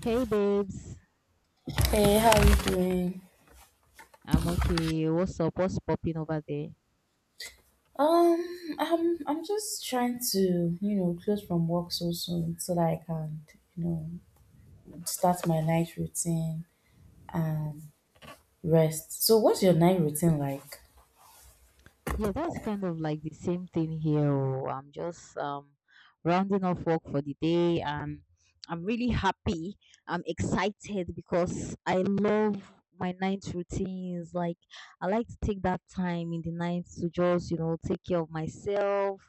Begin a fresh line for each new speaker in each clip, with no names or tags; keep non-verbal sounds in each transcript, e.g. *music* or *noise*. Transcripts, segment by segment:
Hey babes,
Hey, how you doing?
I'm okay. What's up? What's popping over there?
Um, I'm just trying to, you know, close from work so soon so that I can, you know, start my night routine and rest. So what's your night routine like?
Yeah, that's kind of like the same thing here. Oh, I'm just rounding off work for the day, and I'm really happy. I'm excited because I love my night routines. Like, I like to take that time in the night to just, you know, take care of myself,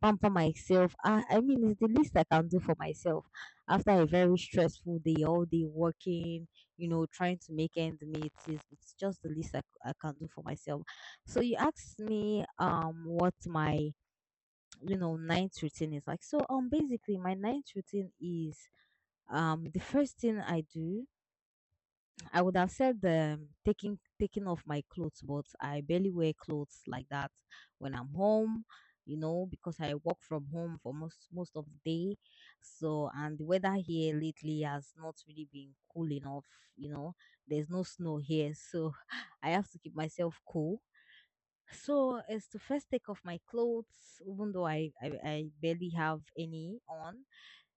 pamper myself. I mean, it's the least I can do for myself after a very stressful day, all day working, you know, trying to make ends meet. It's just the least I can do for myself so you asked me what my you know night routine is like. So basically my night routine is the first thing I do, I would have said the taking off my clothes, but I barely wear clothes like that when I'm home, you know, because I work from home for most of the day. So and the weather here lately has not really been cool enough, you know. There's no snow here, so *laughs* I have to keep myself cool so it's the first take off my clothes, even though I barely have any on.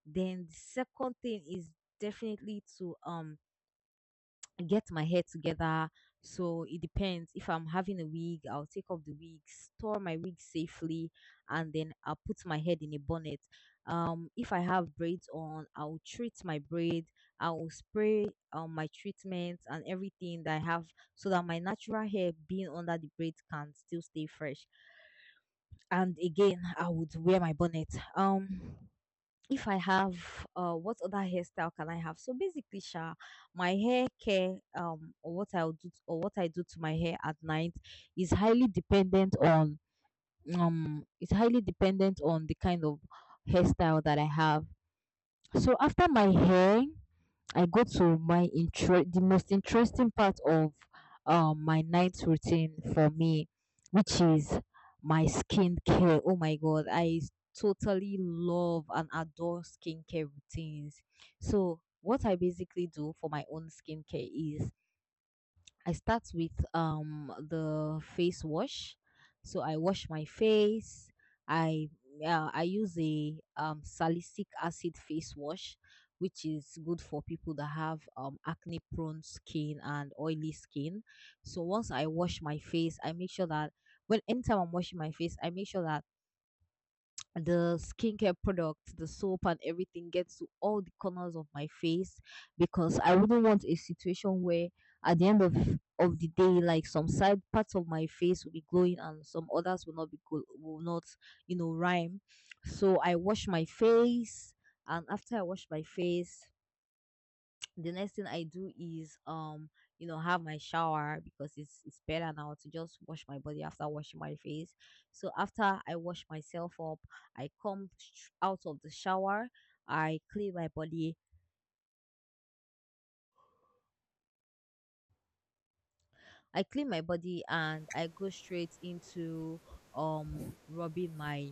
Then the second thing is definitely to get my hair together. So it depends. If I'm having a wig, I'll take off the wig, store my wig safely, and then I'll put my head in a bonnet. If I have braids on, I'll treat my braid. I will spray my treatments and everything that I have so that my natural hair being under the braids can still stay fresh and again I would wear my bonnet. um if I have what other hairstyle can I have, so basically sha my hair care or what I'll do or what I do to my hair at night is highly dependent on the kind of hairstyle that I have. So after my hair I go to my intro, the most interesting part of my night routine for me, which is my skincare. Oh my god, totally love and adore skincare routines. So what I basically do for my own skincare is I start with the face wash. So I wash my face. I I use a salicylic acid face wash, which is good for people that have acne prone skin and oily skin. So once I wash my face, I make sure that when anytime I'm washing my face, I make sure that the skincare products, the soap, and everything gets to all the corners of my face because I wouldn't want a situation where at the end of the day, like some side parts of my face will be glowing and some others will not be will not you know rhyme. So I wash my face, and after I wash my face, the next thing I do is you know have my shower because it's better now to just wash my body after washing my face. So after I wash myself up, I come out of the shower, I clean my body, I clean my body and I go straight into rubbing my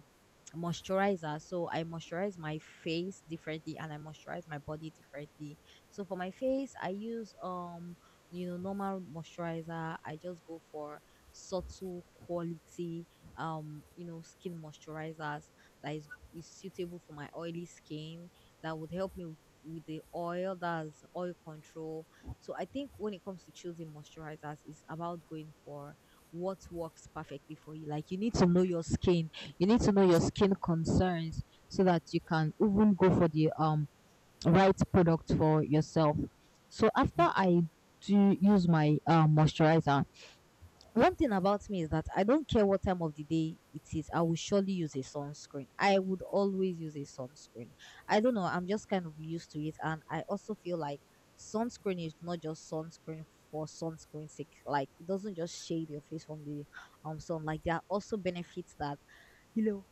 moisturizer. So I moisturize my face differently and I moisturize my body differently. So for my face, I use you know normal moisturizer. I just go for subtle quality you know skin moisturizers that is suitable for my oily skin that would help me with the oil, that's oil control. So I think when it comes to choosing moisturizers, it's about going for what works perfectly for you. Like you need to know your skin, you need to know your skin concerns so that you can even go for the right product for yourself. So after I do use my moisturizer, one thing about me is that I don't care what time of the day it is, I will surely use a sunscreen. I would always use a sunscreen. I don't know, I'm just kind of used to it. And I also feel like sunscreen is not just sunscreen for sunscreen's sake. Like, it doesn't just shade your face from the sun. Like, there are also benefits that, you know,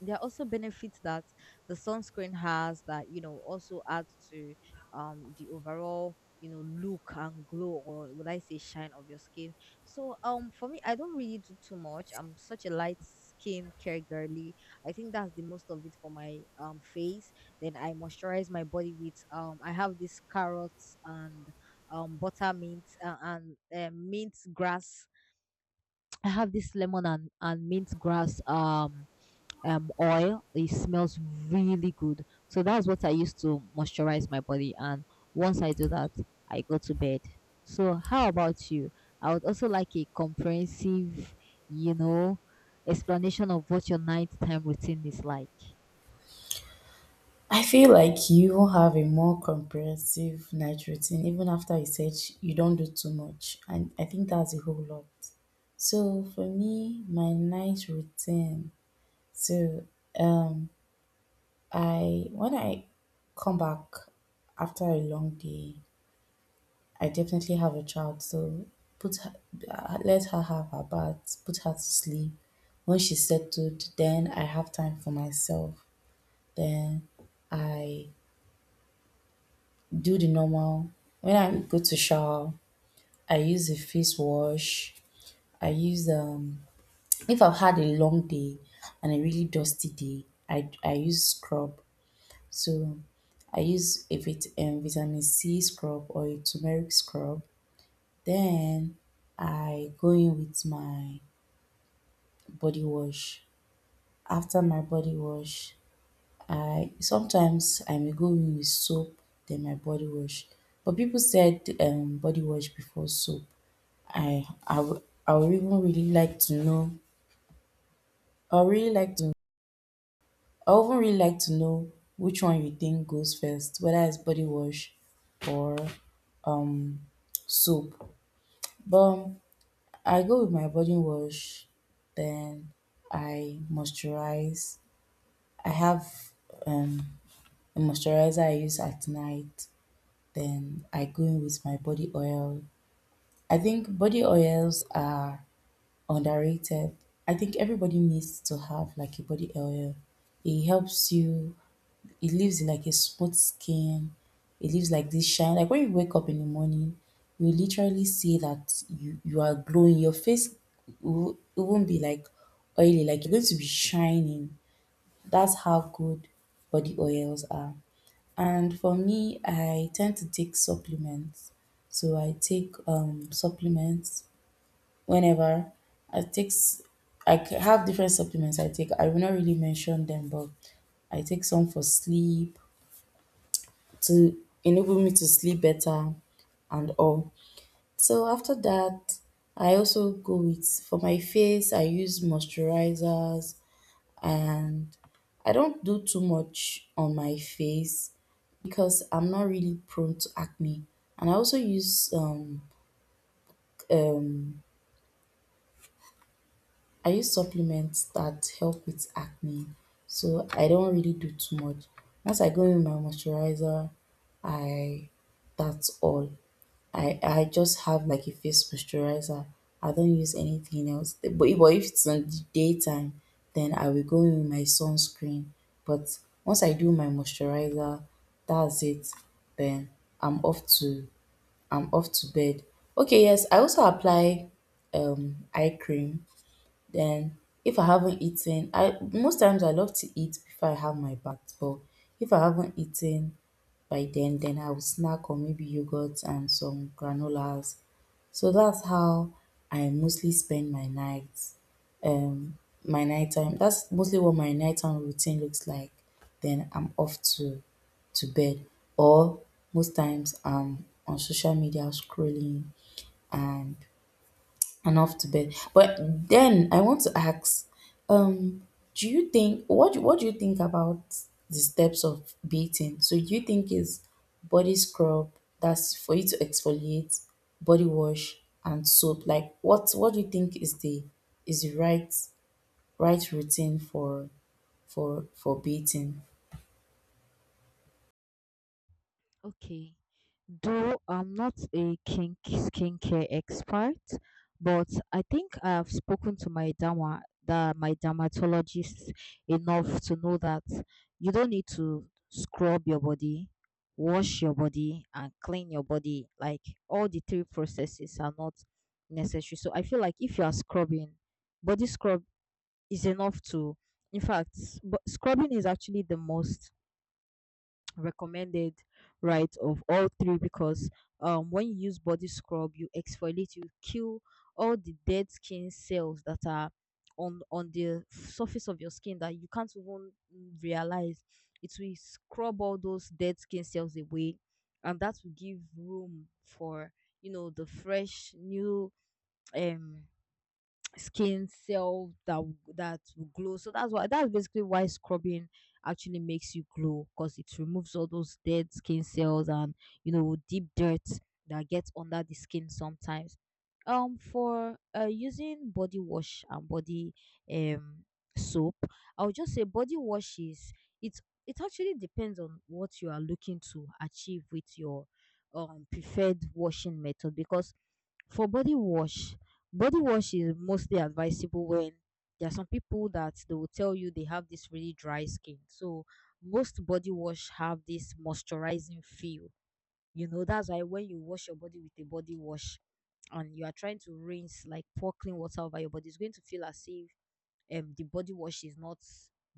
there are also benefits that the sunscreen has that you know also adds to the overall you know look and glow, or would I say shine of your skin. So for me I don't really do too much. I'm such a light skin care girly. I think that's the most of it for my face. Then I moisturize my body with I have this carrots and butter mint and mint grass. I have this lemon and, mint grass oil. It smells really good. So that's what I use to moisturize my body. And once I do that, I go to bed. So how about you? I would also like a comprehensive, you know, explanation of what your nighttime routine is like.
I feel like you have a more comprehensive night routine even after you said you don't do too much. And I think that's a whole lot. So for me, my night routine. So um I when I come back after a long day, I definitely have a child. So put her, let her have her bath, put her to sleep. When she's settled, then I have time for myself. Then I do the normal. When I go to shower, I use the face wash. I use if I've had a long day and a really dusty day, I use scrub. So I use a vitamin C scrub or a turmeric scrub. Then I go in with my body wash. After my body wash, I sometimes I may go in with soap, then my body wash. But people said body wash before soap. I I w- I would even really like to know. I would really like to. I would even really like to know which one you think goes first, whether it's body wash or um soap. But I go with my body wash, then I moisturize. I have um, a moisturizer I use at night. Then I go in with my body oil. I think body oils are underrated. I think everybody needs to have like a body oil. It helps you. It lives in like a smooth skin. It lives like this shine. Like when you wake up in the morning, you literally see that you are glowing. Your face will, it won't be like oily, like you're going to be shining. That's how good body oils are. And for me, I tend to take supplements. So I take supplements whenever I take. S- I c- have different supplements I take. I will not really mention them, but I take some for sleep to enable me to sleep better and all. So after that, I also go with for my face, I use moisturizers and I don't do too much on my face because I'm not really prone to acne. And I also use um I use supplements that help with acne, so I don't really do too much. Once I go in with my moisturizer, I that's all. I just have like a face moisturizer. I don't use anything else. But if it's on the daytime, then I will go in with my sunscreen. But once I do my moisturizer, that's it. Then I'm off to I'm off to bed. Okay, yes, I also apply eye cream. Then if I haven't eaten, I most times I love to eat before I have my bath, but if I haven't eaten by then I will snack on maybe yogurt and some granolas. So that's how I mostly spend my nights. Um, my nighttime. That's mostly what my nighttime routine looks like. Then I'm off to bed, or most times I'm on social media scrolling and and off to bed. But then I want to ask, um, do you think what do you think about the steps of beating? So do you think is body scrub that's for you to exfoliate, body wash, and soap? Like what do you think is the is the right right routine for beating?
Okay. Though I'm not a kink skincare expert, but I think I have spoken to my my dermatologist enough to know that you don't need to scrub your body, wash your body, and clean your body. Like all the three processes are not necessary. So I feel like if you are scrubbing, body scrub is enough to. In fact, but scrubbing is actually the most recommended right of all three because when you use body scrub you exfoliate, you kill all the dead skin cells that are on the surface of your skin that you can't even realize. It will scrub all those dead skin cells away and that will give room for you know the fresh new um skin cell that that will glow. So that's why, that's basically why scrubbing actually makes you glow, because it removes all those dead skin cells and you know deep dirt that gets under the skin sometimes. For using body wash and body um soap, I would just say body wash is it actually depends on what you are looking to achieve with your preferred washing method. Because for body wash, body wash is mostly advisable when there are some people that they will tell you they have this really dry skin. So most body wash have this moisturizing feel. You know, that's why when you wash your body with a body wash and you are trying to rinse, like pour clean water over your body, it's going to feel as if the body wash is not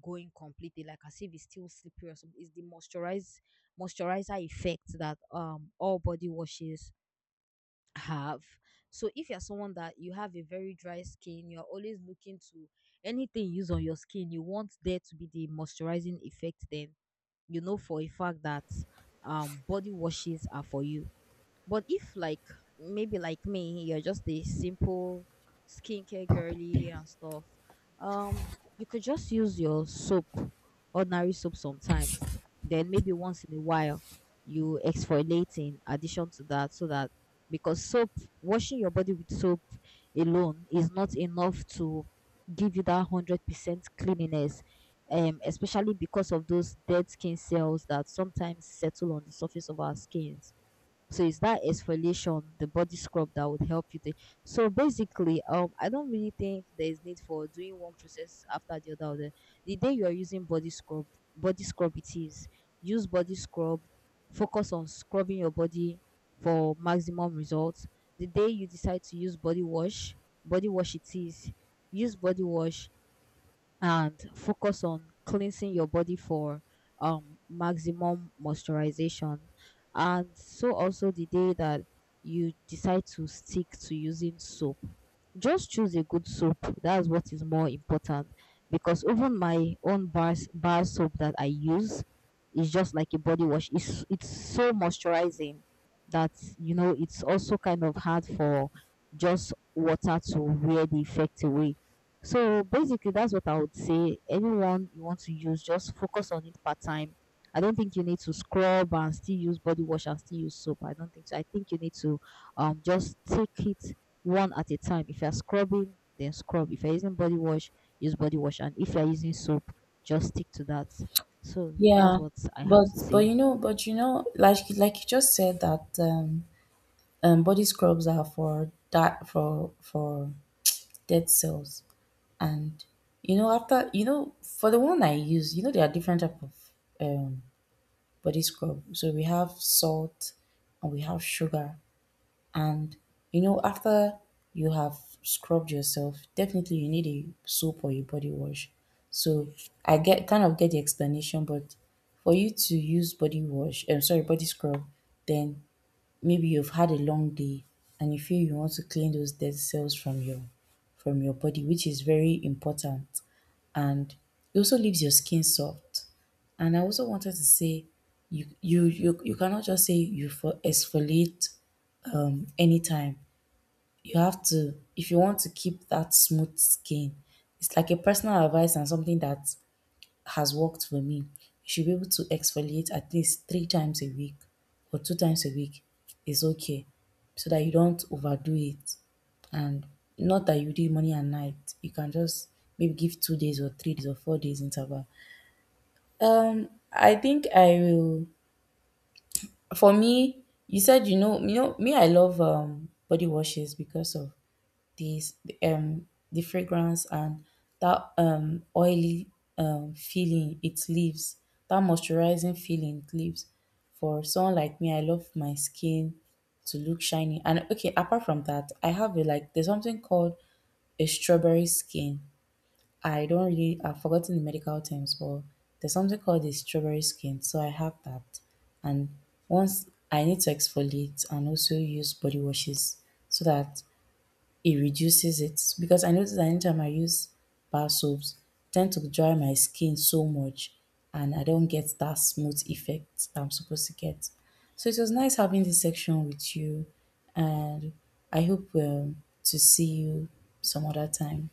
going completely, like as if it's still slippery or something. It's the moisturizer effect that all body washes have. So if you're someone that you have a very dry skin, you're always looking to anything you use on your skin, you want there to be the moisturizing effect, then you know for a fact that body washes are for you. But if like maybe like me, you're just a simple skincare girly and stuff, um, you could just use your soap, ordinary soap sometimes. Then maybe once in a while you exfoliate in addition to that so that because soap, washing your body with soap alone is not enough to give you that 100% cleanliness. Especially because of those dead skin cells that sometimes settle on the surface of our skins. So it's that exfoliation, the body scrub that would help you. So basically, I don't really think there is need for doing one process after the other. The day you are using body scrub it is. Use body scrub. Focus on scrubbing your body for maximum results. The day you decide to use body wash it is. Use body wash and focus on cleansing your body for maximum moisturization. And so also the day that you decide to stick to using soap, just choose a good soap. That's what is more important, because even my own bar soap that I use is just like a body wash. It's so moisturizing that you know it's also kind of hard for just water to wear the effect away. So basically, that's what I would say. Anyone you want to use, just focus on it part time. I don't think you need to scrub and still use body wash and still use soap. I don't think so. I think you need to just take it one at a time. If you're scrubbing, then scrub. If you're using body wash, use body wash. And if you're using soap, just stick to that. So that's
Yeah,
what I have
but
to say.
you know, like you just said that body scrubs are for that for dead cells and you know after you know for the one I use, you know, there are different type of um, body scrub, so we have salt and we have sugar, and you know, after you have scrubbed yourself, definitely you need a soap or a body wash. So I get kind of get the explanation, but for you to use body wash, I'm sorry, body scrub, then maybe you've had a long day and you feel you want to clean those dead cells from your body, which is very important. And it also leaves your skin soft. And I also wanted to say you cannot just say you for exfoliate anytime. You have to if you want to keep that smooth skin, it's like a personal advice and something that has worked for me. You should be able to exfoliate at least 3 times a week or 2 times a week is okay, so that you don't overdo it. And not that you did morning and night, you can just maybe give 2 days or 3 days or 4 days interval. I think I will for me, you said you know, you know me, I love body washes because of this the fragrance and that oily feeling it leaves, that moisturizing feeling it leaves. For someone like me, I love my skin to look shiny. And okay, apart from that, I have a like there's something called a strawberry skin. I don't really I've forgotten the medical terms, but there's something called a strawberry skin. So I have that. And once I need to exfoliate and also use body washes so that it reduces it, because I notice that anytime I use bar soaps, it tend to dry my skin so much and I don't get that smooth effect I'm supposed to get. So it was nice having this section with you, and I hope to see you some other time.